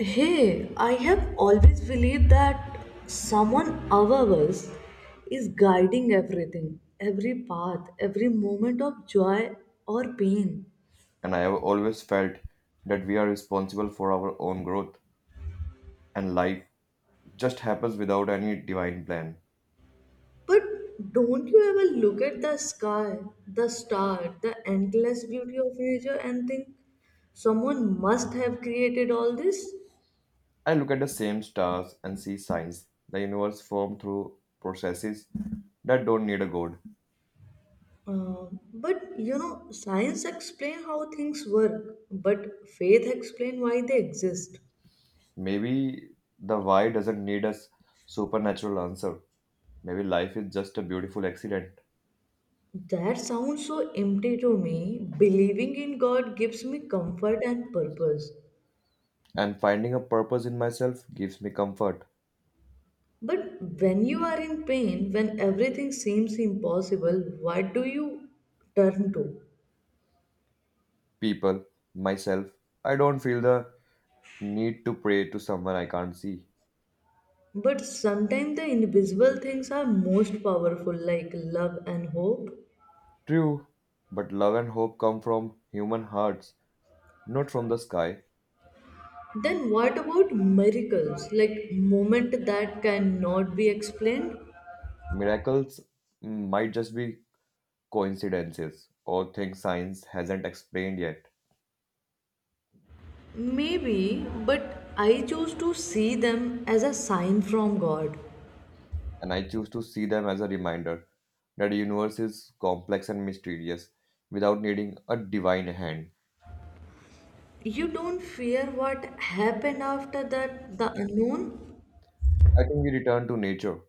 Hey, I have always believed that someone above us is guiding everything, every path, every moment of joy or pain. And I have always felt that we are responsible for our own growth, and life just happens without any divine plan. But don't you ever look at the sky, the star, the endless beauty of nature and think someone must have created all this? I look at the same stars and see signs the universe formed through processes that don't need a god. Uh, but science explain how things work, but faith explain why they exist. Maybe the why doesn't need a supernatural answer. Maybe life is just a beautiful accident. That sounds so empty to me. Believing in God gives me comfort and purpose. And finding a purpose in myself gives me comfort. But when you are in pain, when everything seems impossible, what do you turn to? People, myself, I don't feel the need to pray to someone I can't see. But sometimes the invisible things are most powerful, like love and hope. True, but love and hope come from human hearts, not from the sky. Then what about miracles, like moment that cannot be explained? Miracles might just be coincidences or things science hasn't explained yet. Maybe, but I choose to see them as a sign from God. And I choose to see them as a reminder that the universe is complex and mysterious without needing a divine hand. You don't fear what happened after that the unknown. I think we return to nature,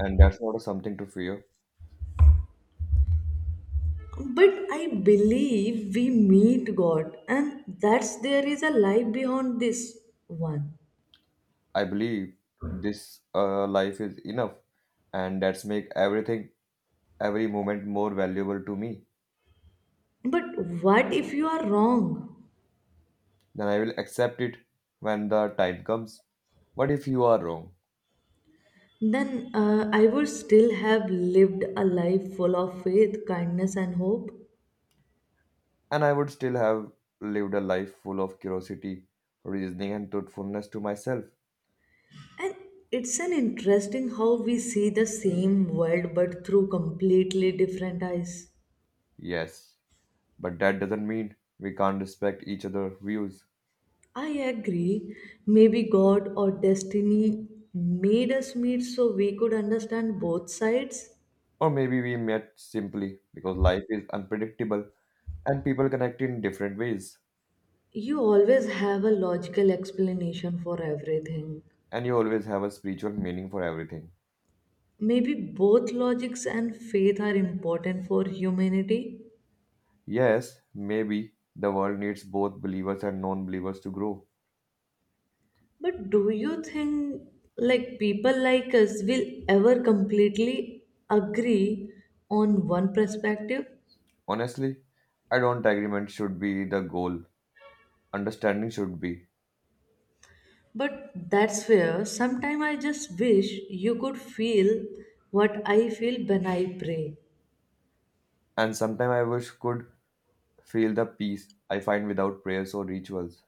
and that's not something to fear. But I believe we meet God and that's there is a life beyond this one. I believe this life is enough, and that's make everything, every moment more valuable to me. But what if you are wrong? Then I will accept it when the time comes. What if you are wrong? Then I would still have lived a life full of faith, kindness and hope. And I would still have lived a life full of curiosity, reasoning, and truthfulness to myself. And it's an interesting how we see the same world but through completely different eyes. Yes, but that doesn't mean we can't respect each other's views. I agree. Maybe God or destiny made us meet so we could understand both sides. Or maybe we met simply because life is unpredictable and people connect in different ways, You always have a logical explanation for everything. and you always have a spiritual meaning for everything. Maybe both logics and faith are important for humanity. Yes, maybe the world needs both believers and non believers to grow. But do you think like people like us will ever completely agree on one perspective? Honestly, I don't agreement should be the goal understanding should be. But that's where sometimes I just wish you could feel what I feel when I pray. And sometimes I wish could feel the peace I find without prayers or rituals.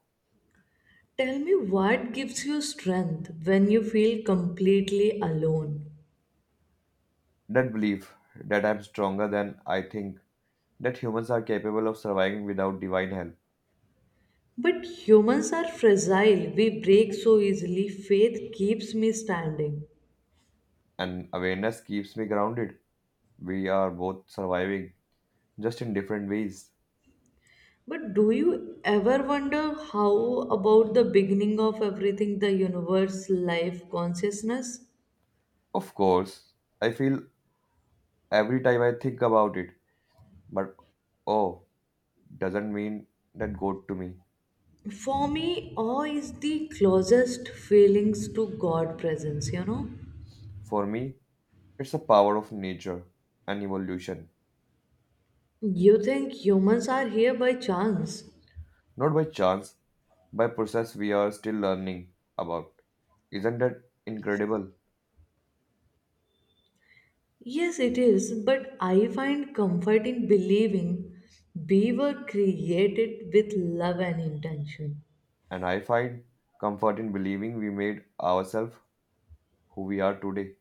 Tell me what gives you strength when you feel completely alone. That belief that I'm stronger than I think, that humans are capable of surviving without divine help, But humans are fragile, we break so easily. Faith keeps me standing. and awareness keeps me grounded. We are both surviving, just in different ways. But do you ever wonder how about the beginning of everything, the universe, life, consciousness? Of course, I feel every time I think about it, but oh, doesn't mean that God to me. For me, awe is the closest feelings to God presence, you know? For me, it's a power of nature and evolution, You think humans are here by chance? not by chance by process we are still learning about. Isn't that incredible? Yes, it is, but I find comfort in believing we were created with love and intention. And I find comfort in believing we made ourselves who we are today.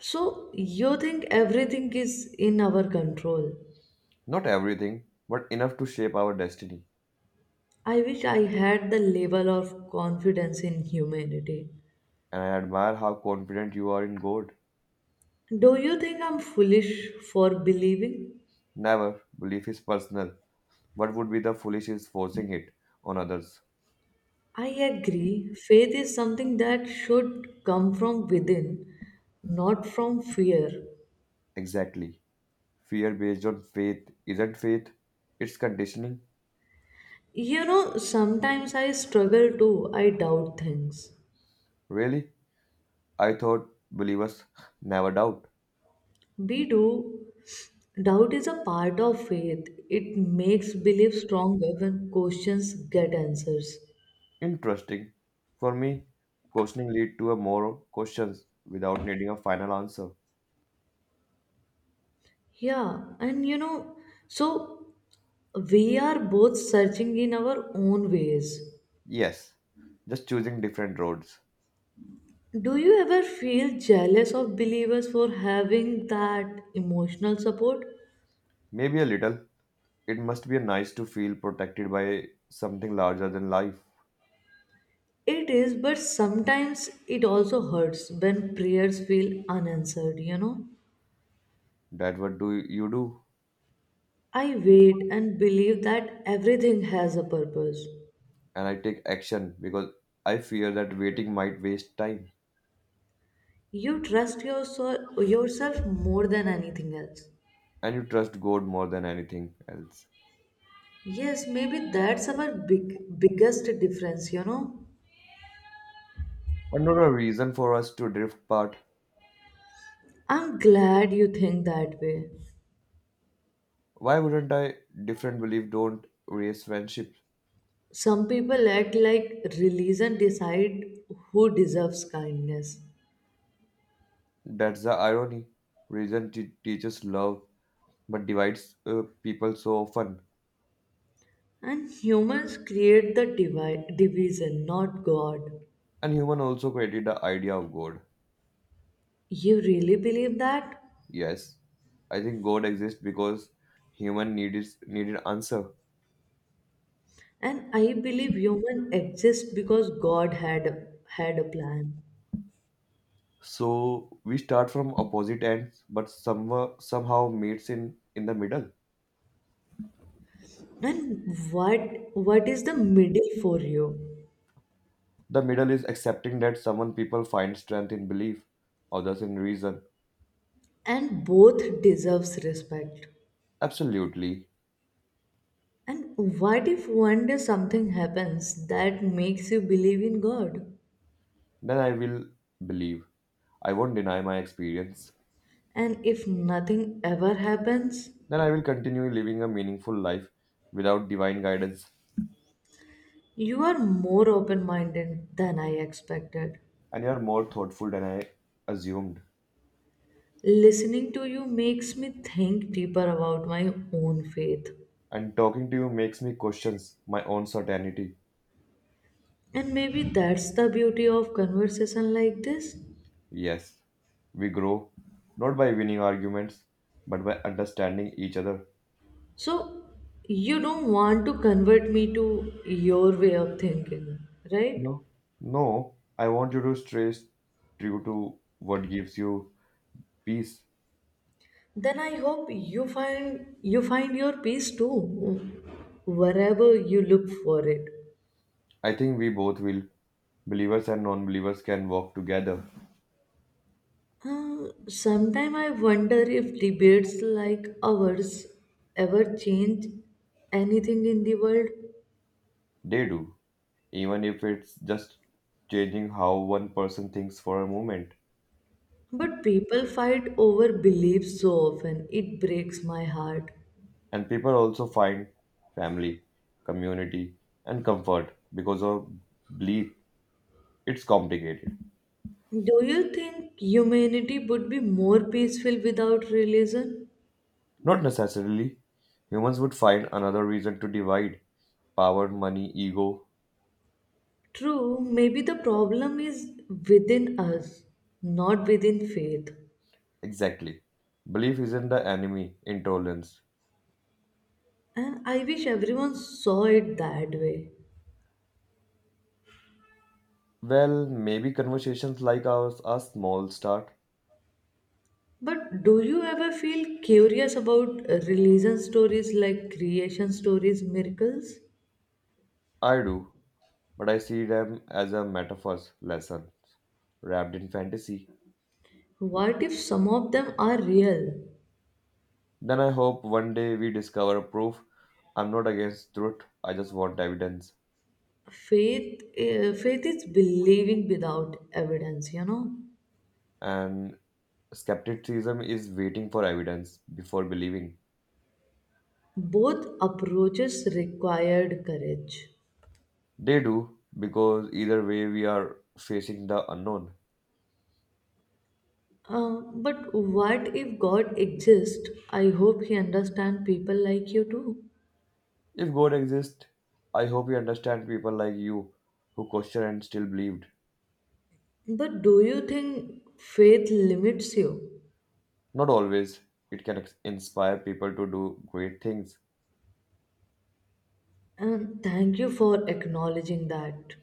So, you think everything is in our control? Not everything, but enough to shape our destiny. I wish I had the level of confidence in humanity. And I admire how confident you are in God. Do you think I'm foolish for believing? Never, belief is personal. What would be the foolish is forcing it on others? I agree. Faith is something that should come from within, not from fear. Exactly. Fear based on faith isn't faith, it's conditioning. You know, sometimes I struggle too. I doubt things. Really? I thought believers never doubt. We do. Doubt is a part of faith. It makes belief stronger when questions get answers. Interesting. For me, questioning lead to a more questions without needing a final answer. Yeah, and you know, so we are both searching in our own ways. Yes, just choosing different roads. Do you ever feel jealous of believers for having that emotional support? Maybe a little. It must be nice to feel protected by something larger than life. It is, but sometimes it also hurts when prayers feel unanswered, you know? That what do you do? I wait and believe that everything has a purpose. And I take action because I fear that waiting might waste time. Yourself more than anything else. And you trust God more than anything else. Yes, maybe that's our biggest difference, you know. But not a reason for us to drift apart. I'm glad you think that way. Why wouldn't I different belief don't raise friendship? Some people act like religion decide who deserves kindness. That's the irony. Reason teaches love but divides people so often. And humans create the division, not God. And human also created the idea of God. You really believe that? Yes, I think God exists because human needed answer. And I believe human exist because God had a plan. So we start from opposite ends, but somewhere somehow meets in the middle. And what is the middle for you? The middle is accepting that someone people find strength in belief, others in reason. And both deserves respect. Absolutely. And what if one day something happens that makes you believe in God? Then I will believe. I won't deny my experience. And if nothing ever happens, Then I will continue living a meaningful life without divine guidance. you are more open-minded than I expected. And you are more thoughtful than I assumed. Listening to you makes me think deeper about my own faith. And talking to you makes me question my own certainty. And maybe that's the beauty of conversation like this. Yes, we grow not by winning arguments, but by understanding each other. So, you don't want to convert me to your way of thinking, right? No. No, I want you to stay true to what gives you peace. Then I hope you find your peace too, wherever you look for it. I think we both will. Believers and non believers can walk together. Sometime I wonder if debates like ours ever change anything in the world. They do, even if it's just changing how one person thinks for a moment. But people fight over beliefs so often, it breaks my heart. And people also find family, community, and comfort because of belief it's complicated. Do you think humanity would be more peaceful without religion? Not necessarily. Humans would find another reason to divide power, money, ego. True, maybe the problem is within us, not within faith. Exactly. Belief isn't the enemy, intolerance. And I wish everyone saw it that way. Well, maybe conversations like ours are small start. But do you ever feel curious about religion stories like creation stories, miracles? I do, but I see them as a metaphors lesson wrapped in fantasy. What if some of them are real? Then I hope one day we discover proof. I'm not against truth, I just want evidence. Faith is believing without evidence, you know? And skepticism is waiting for evidence before believing. Both approaches required courage. They do, because either way we are facing the unknown. But what if God exists? I hope He understands people like you too. If God exists, I hope you understand people like you who question and still believed. But do you think faith limits you? Not always, it can inspire people to do great things. And thank you for acknowledging that.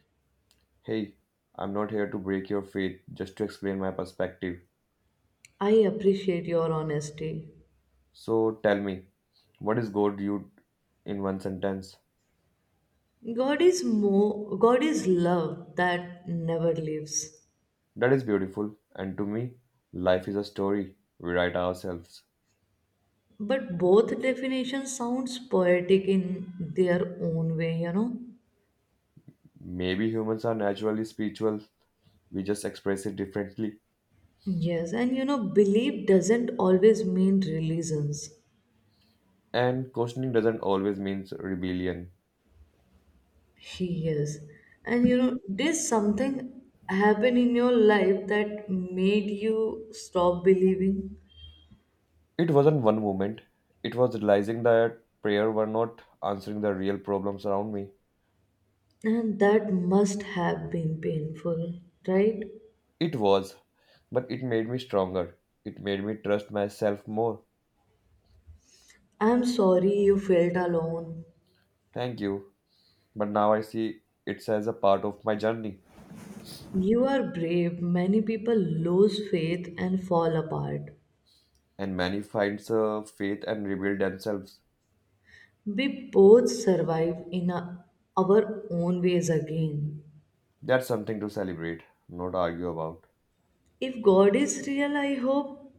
Hey, I'm not here to break your faith, just to explain my perspective. I appreciate your honesty. So tell me, what is God you in one sentence? God is love that never leaves. That is beautiful, and to me, life is a story we write ourselves. But both definitions sounds poetic in their own way, you know. Maybe humans are naturally spiritual, we just express it differently. Yes, and you know, belief doesn't always mean religions. And questioning doesn't always mean rebellion. Yes, and you know, did something happen in your life that made you stop believing? It wasn't one moment, it was realizing that prayer were not answering the real problems around me. And that must have been painful, right? It was, but it made me stronger. It made me trust myself more. I'm sorry you felt alone. Thank you. But now I see it as a part of my journey. You are brave. Many people lose faith and fall apart. And many finds faith and rebuild themselves. We both survive in a- Our own ways again. That's something to celebrate, not argue about. If God is real, I hope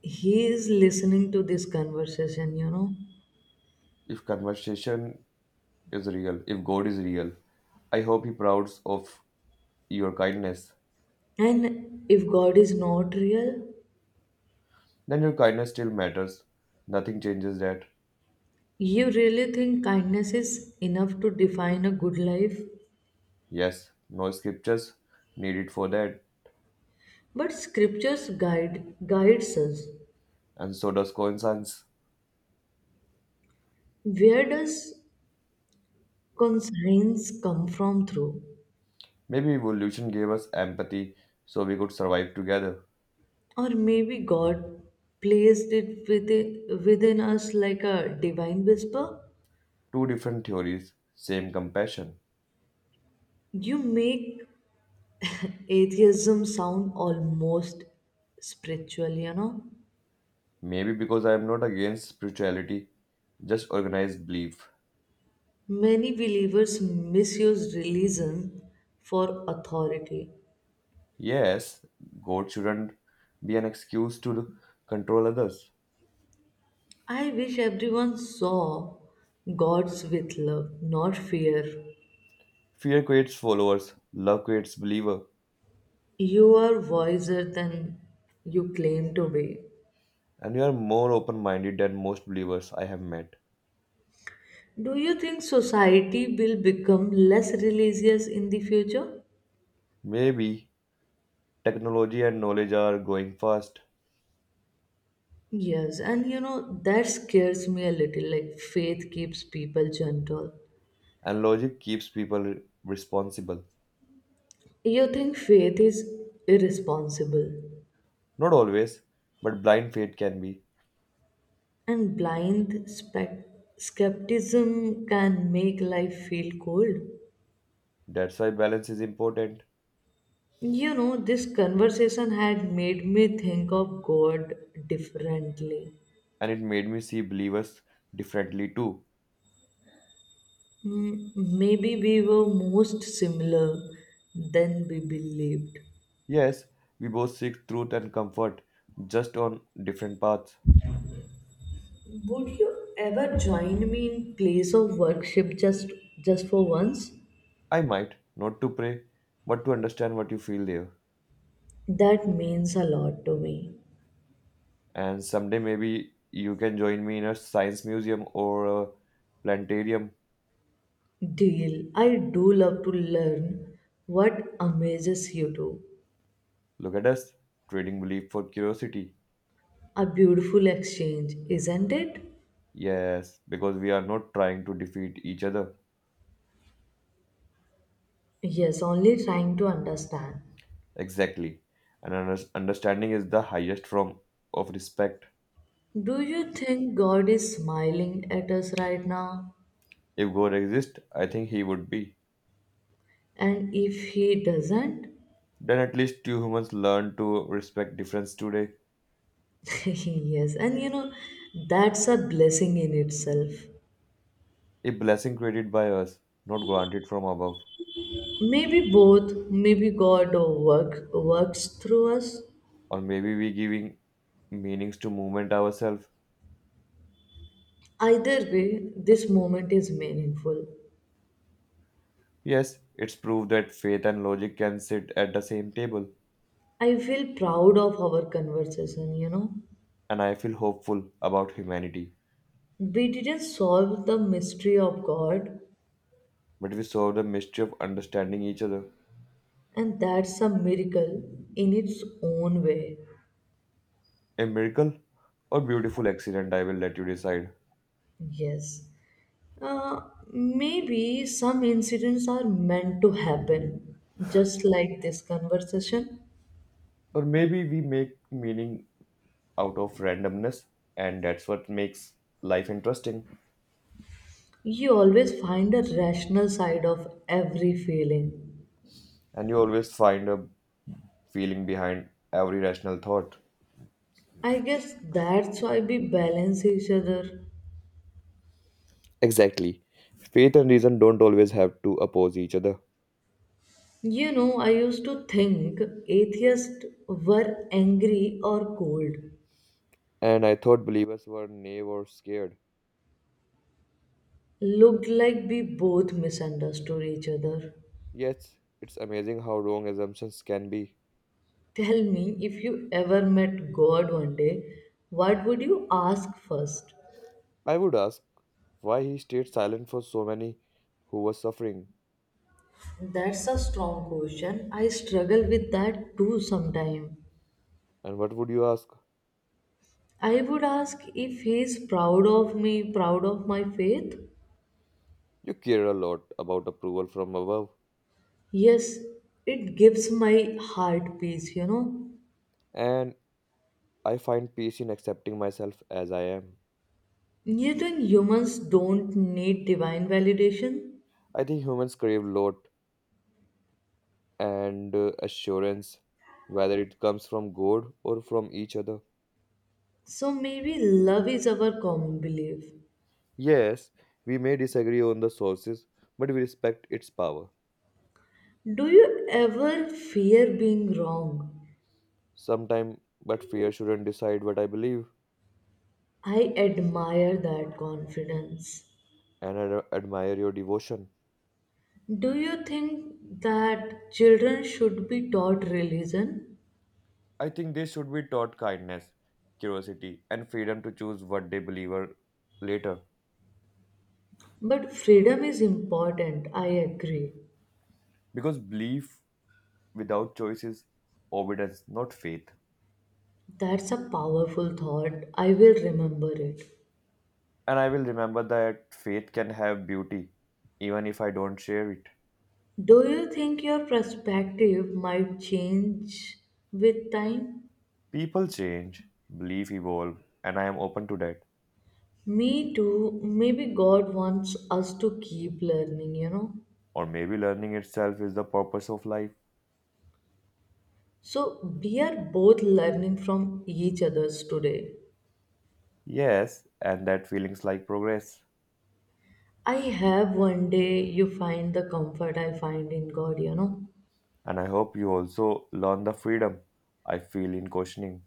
he is listening to this conversation, you know. If conversation is real, if God is real, I hope He prouds of your kindness. And if God is not real, Then your kindness still matters. Nothing changes that. you really think kindness is enough to define a good life? Yes, no scriptures needed for that, But scriptures guides us. and so does coincidence. Where does conscience come from through? Maybe evolution gave us empathy so we could survive together. Or maybe God placed within us like a divine whisper? Two different theories, same compassion. You make atheism sound almost spiritual, you know? Maybe because I am not against spirituality, just organized belief. Many believers misuse religion for authority. Yes, God shouldn't be an excuse to control others. I wish everyone saw God's with love, not fear. Fear creates followers, love creates believer, You are wiser than you claim to be. and you are more open-minded than most believers I have met. Do you think society will become less religious in the future? Maybe technology and knowledge are going fast, Yes, and you know, that scares me a little. Like, faith keeps people gentle. and logic keeps people responsible. You think faith is irresponsible? Not always, but blind faith can be. And skepticism can make life feel cold. That's why balance is important, You know, this conversation had made me think of God differently. and it made me see believers differently too. Maybe we were most similar than we believed. Yes, we both seek truth and comfort, just on different paths. Would you ever join me in place of worship just for once? I might, not to pray, but to understand what you feel there. That means a lot to me. And someday maybe you can join me in a science museum or a planetarium. Deal. I do love to learn what amazes you too. Look at us, trading belief for curiosity. A beautiful exchange, isn't it? Yes, because we are not trying to defeat each other. Yes, only trying to understand. Exactly. And understanding is the highest form of respect. Do you think God is smiling at us right now? If God exists, I think he would be. And if He doesn't? Then at least two humans learn to respect difference today. Yes, and you know, that's a blessing in itself. A blessing created by us, not granted from above. Maybe both, maybe works through us. Or maybe we giving meanings to movement ourselves. Either way, this moment is meaningful. Yes, it's proved that faith and logic can sit at the same table, I feel proud of our conversation, you know. and I feel hopeful about humanity. We didn't solve the mystery of God, But we solve the mystery of understanding each other. and that's a miracle in its own way. A miracle or beautiful accident, I will let you decide. Yes. Uh, Maybe some incidents are meant to happen, just like this conversation. Or maybe we make meaning out of randomness, and that's what makes life interesting. You always find a rational side of every feeling. And you always find a feeling behind every rational thought. I guess that's why we balance each other. Exactly. Faith and reason don't always have to oppose each other. You know, I used to think atheists were angry or cold. And I thought believers were naive or scared. Looked like we both misunderstood each other. Yes, it's amazing how wrong assumptions can be. Tell me if you ever met God one day, what would you ask first? I would ask why he stayed silent for so many who were suffering. That's a strong question. I struggle with that too sometimes. And what would you ask? I would ask if he is proud of me, proud of my faith. You care a lot about approval from above. Yes, it gives my heart peace, you know. And I find peace in accepting myself as I am. You think humans don't need divine validation? I think humans crave lot and assurance, whether it comes from God or from each other. So maybe love is our common belief. Yes, we may disagree on the sources, but we respect its power. Do you ever fear being wrong? Sometime, but fear shouldn't decide what I believe. I admire that confidence. And I admire your devotion. Do you think that children should be taught religion? I think they should be taught kindness, curiosity, and freedom to choose what they believe or later. But freedom is important, I agree. Because belief without choice is obedience, not faith. That's a powerful thought. I will remember it. And I will remember that faith can have beauty, even if I don't share it. Do you think your perspective might change with time? People change, belief evolve, and I am open to that. Me too. Maybe God wants us to keep learning, you know. Or maybe learning itself is the purpose of life. So we are both learning from each others today. Yes, and that feelings like progress. I have one day you find the comfort I find in God, you know. And I hope you also learn the freedom I feel in questioning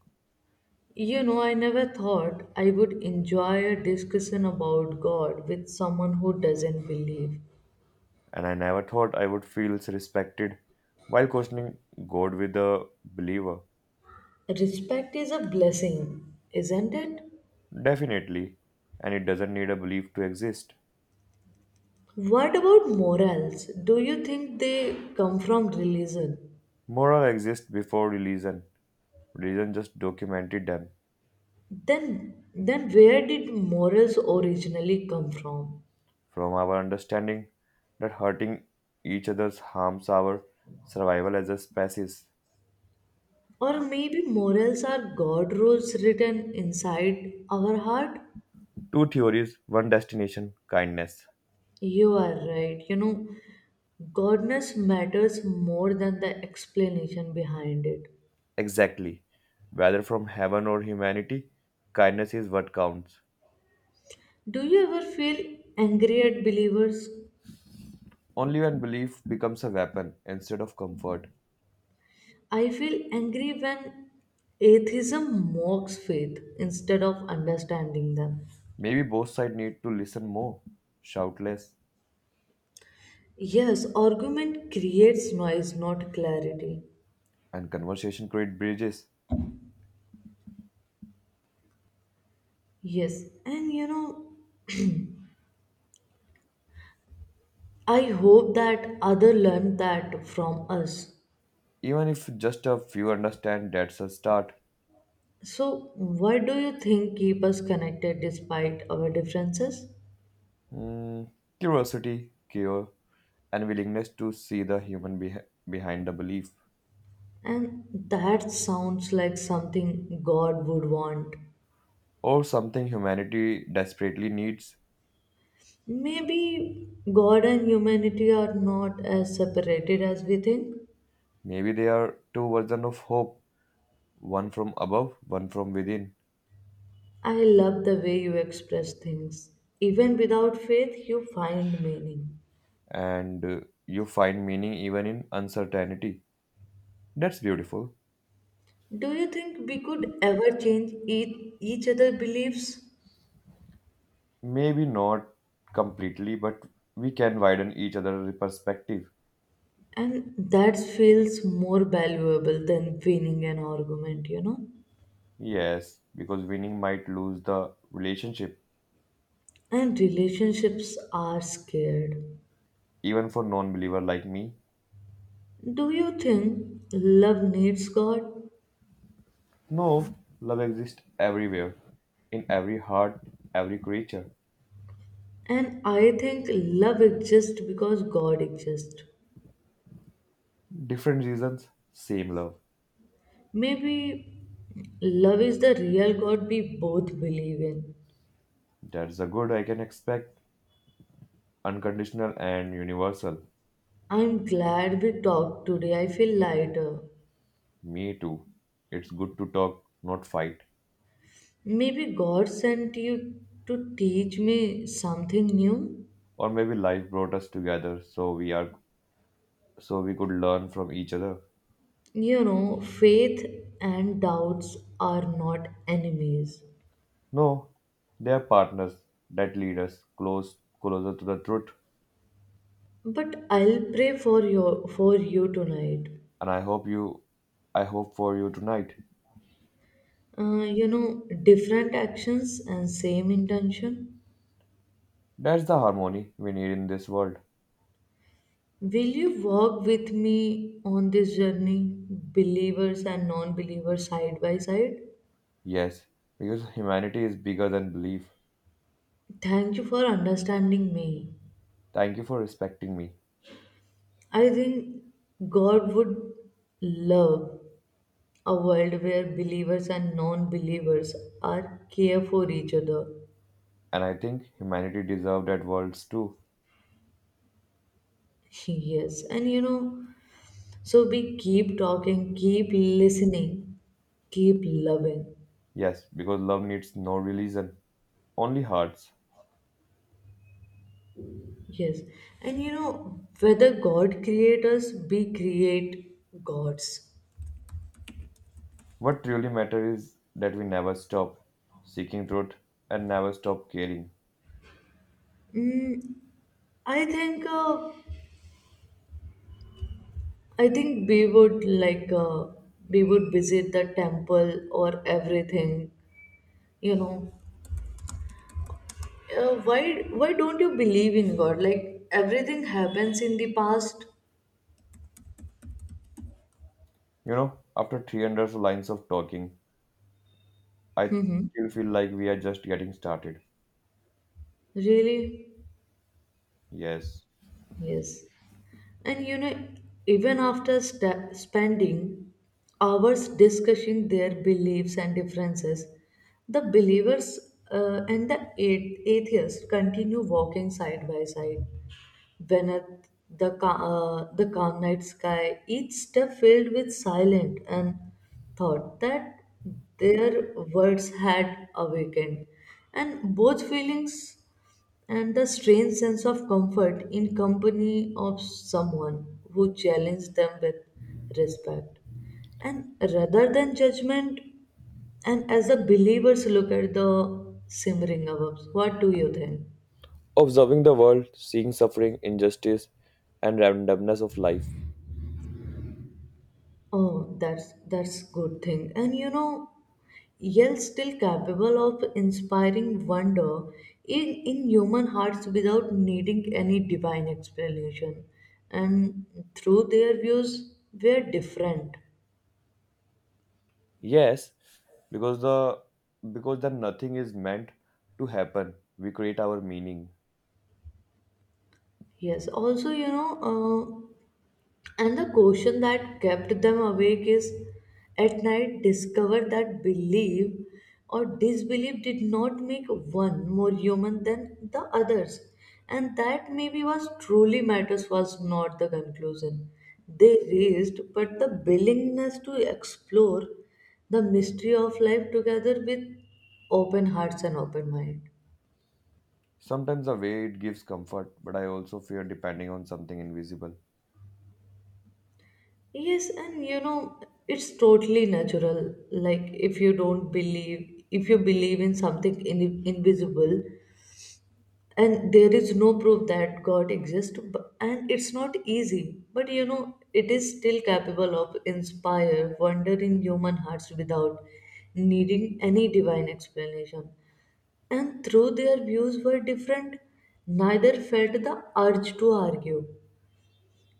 You know, I never thought I would enjoy a discussion about God with someone who doesn't believe. and I never thought I would feel respected while questioning God with a believer. Respect is a blessing, isn't it? Definitely, and it doesn't need a belief to exist. What about morals? Do you think they come from religion? Moral exists before religion. Religion just documented them Then where did morals originally come from? from our understanding that hurting each other harms our survival as a species. Or maybe morals are God rules written inside our heart? Two theories, one destination, kindness. You are right. You know, goodness matters more than the explanation behind it. Exactly. Whether from heaven or humanity, kindness is what counts. Do you ever feel angry at believers? Only when belief becomes a weapon instead of comfort. I feel angry when atheism mocks faith instead of understanding them. Maybe both sides need to listen more, shout less, Yes, argument creates noise, not clarity. and conversation create bridges. Yes, and you know, I hope that other learn that from us. Even if just a few understand, that's a start. So, why do you think keep us connected despite our differences? Hmm, Curiosity, care, and willingness to see the human behind the belief, And that sounds like something God would want. or something humanity desperately needs. Maybe God and humanity are not as separated as we think. Maybe there are two versions of hope: one from above, one from within, I love the way you express things. Even without faith, you find meaning. and you find meaning even in uncertainty. That's beautiful. Do you think we could ever change each other's beliefs? Maybe not completely, but we can widen each other's perspective. And that feels more valuable than winning an argument, you know? Yes, because winning might lose the relationship, And relationships are scared. even for non believer like me. Do you think love needs God? No, love exists everywhere, in every heart, every creature. And I think love exists because God exists. Different reasons, same love. Maybe love is the real God we both believe in. That's the good I can expect, unconditional and universal. I'm glad we talked today. I feel lighter. Me too. It's good to talk, not fight. Maybe God sent you to teach me something new. Or maybe life brought us together so we could learn from each other. You know, faith and doubts are not enemies. No, they are partners that lead us closer to the truth. But I'll pray for you tonight. And I hope for you tonight. You know, different actions and same intention. That's the harmony we need in this world. Will you walk with me on this journey, believers and non believers, side by side? Yes, because humanity is bigger than belief. Thank you for understanding me. Thank you for respecting me. I think God would love a world where believers and non believers are care for each other. And I think humanity deserves that worlds too. Yes, and you know, so we keep talking, keep listening, keep loving. Yes, because love needs no religion, only hearts. Yes, and you know whether God create us, we create gods. What truly matters is that we never stop seeking truth and never stop caring. Mm, I think uh, I think we would like we would visit the temple or everything. You know, why don't you believe in God? Like everything happens in the past. You know, after 300 lines of talking, I Mm-hmm. still feel like we are just getting started. Really? Yes. Yes. And you know, even after spending hours discussing their beliefs and differences, the believers and the atheists continue walking side by side beneath the calm night sky, each step filled with silent and thought that their words had awakened. And both feelings and the strange sense of comfort in company of someone who challenged them with respect and rather than judgment, and as the believers look at the simmering above, what do you think? Observing the world, seeing suffering, injustice, and randomness of life. Oh, that's good thing, and you know, yet still capable of inspiring wonder in human hearts without needing any divine explanation. And through their views were different. Yes, because the because the nothing is meant to happen. We create our meaning. Yes, also, you know, and the question that kept them awake is at night discovered that belief or disbelief did not make one more human than the others. And that maybe was truly matters was not the conclusion they raised, but the willingness to explore the mystery of life together with open hearts and open mind. Sometimes the way it gives comfort, but I also fear depending on something invisible. Yes, and you know, it's totally natural. Like, if you don't believe, if you believe in something invisible, and there is no proof that God exists, and it's not easy, but you know, it is still capable of inspire wonder in human hearts without needing any divine explanation. And though their views were different, neither felt the urge to argue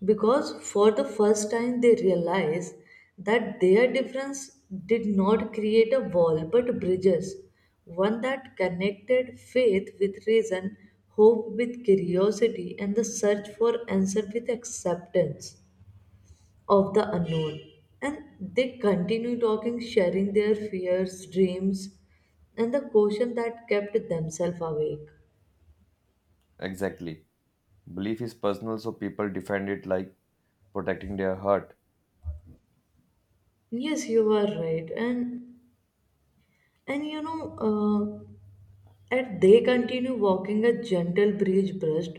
because for the first time they realize that their difference did not create a wall but bridges, one that connected faith with reason, hope with curiosity, and the search for answer with acceptance of the unknown. And they continue talking, sharing their fears, dreams, and the caution that kept themselves awake. Exactly. Belief is personal, so people defend it like protecting their heart. Yes, you are right, and you know. And they continue walking a gentle breeze brushed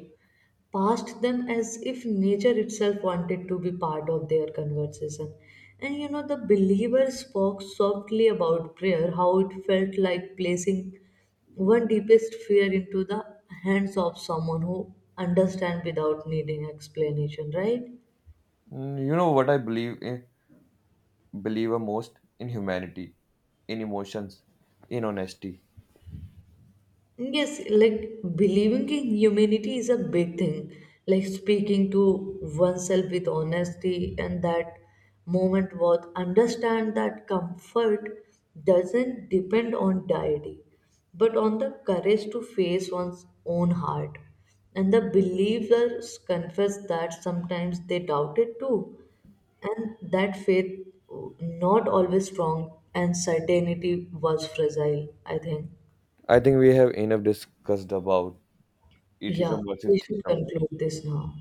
past them as if nature itself wanted to be part of their conversation. And you know, the believer spoke softly about prayer, how it felt like placing one deepest fear into the hands of someone who understands without needing explanation, right? Mm, you know what I believe? Believer most in humanity, in emotions, in honesty. Yes, like believing in humanity is a big thing. Like speaking to oneself with honesty and that moment was understand that comfort doesn't depend on deity, but on the courage to face one's own heart. And the believers confess that sometimes they doubt it too. And that faith not always strong and certainty was fragile, I think. I think we have enough discussed about Yeah, atheism versus we should theism. conclude this now.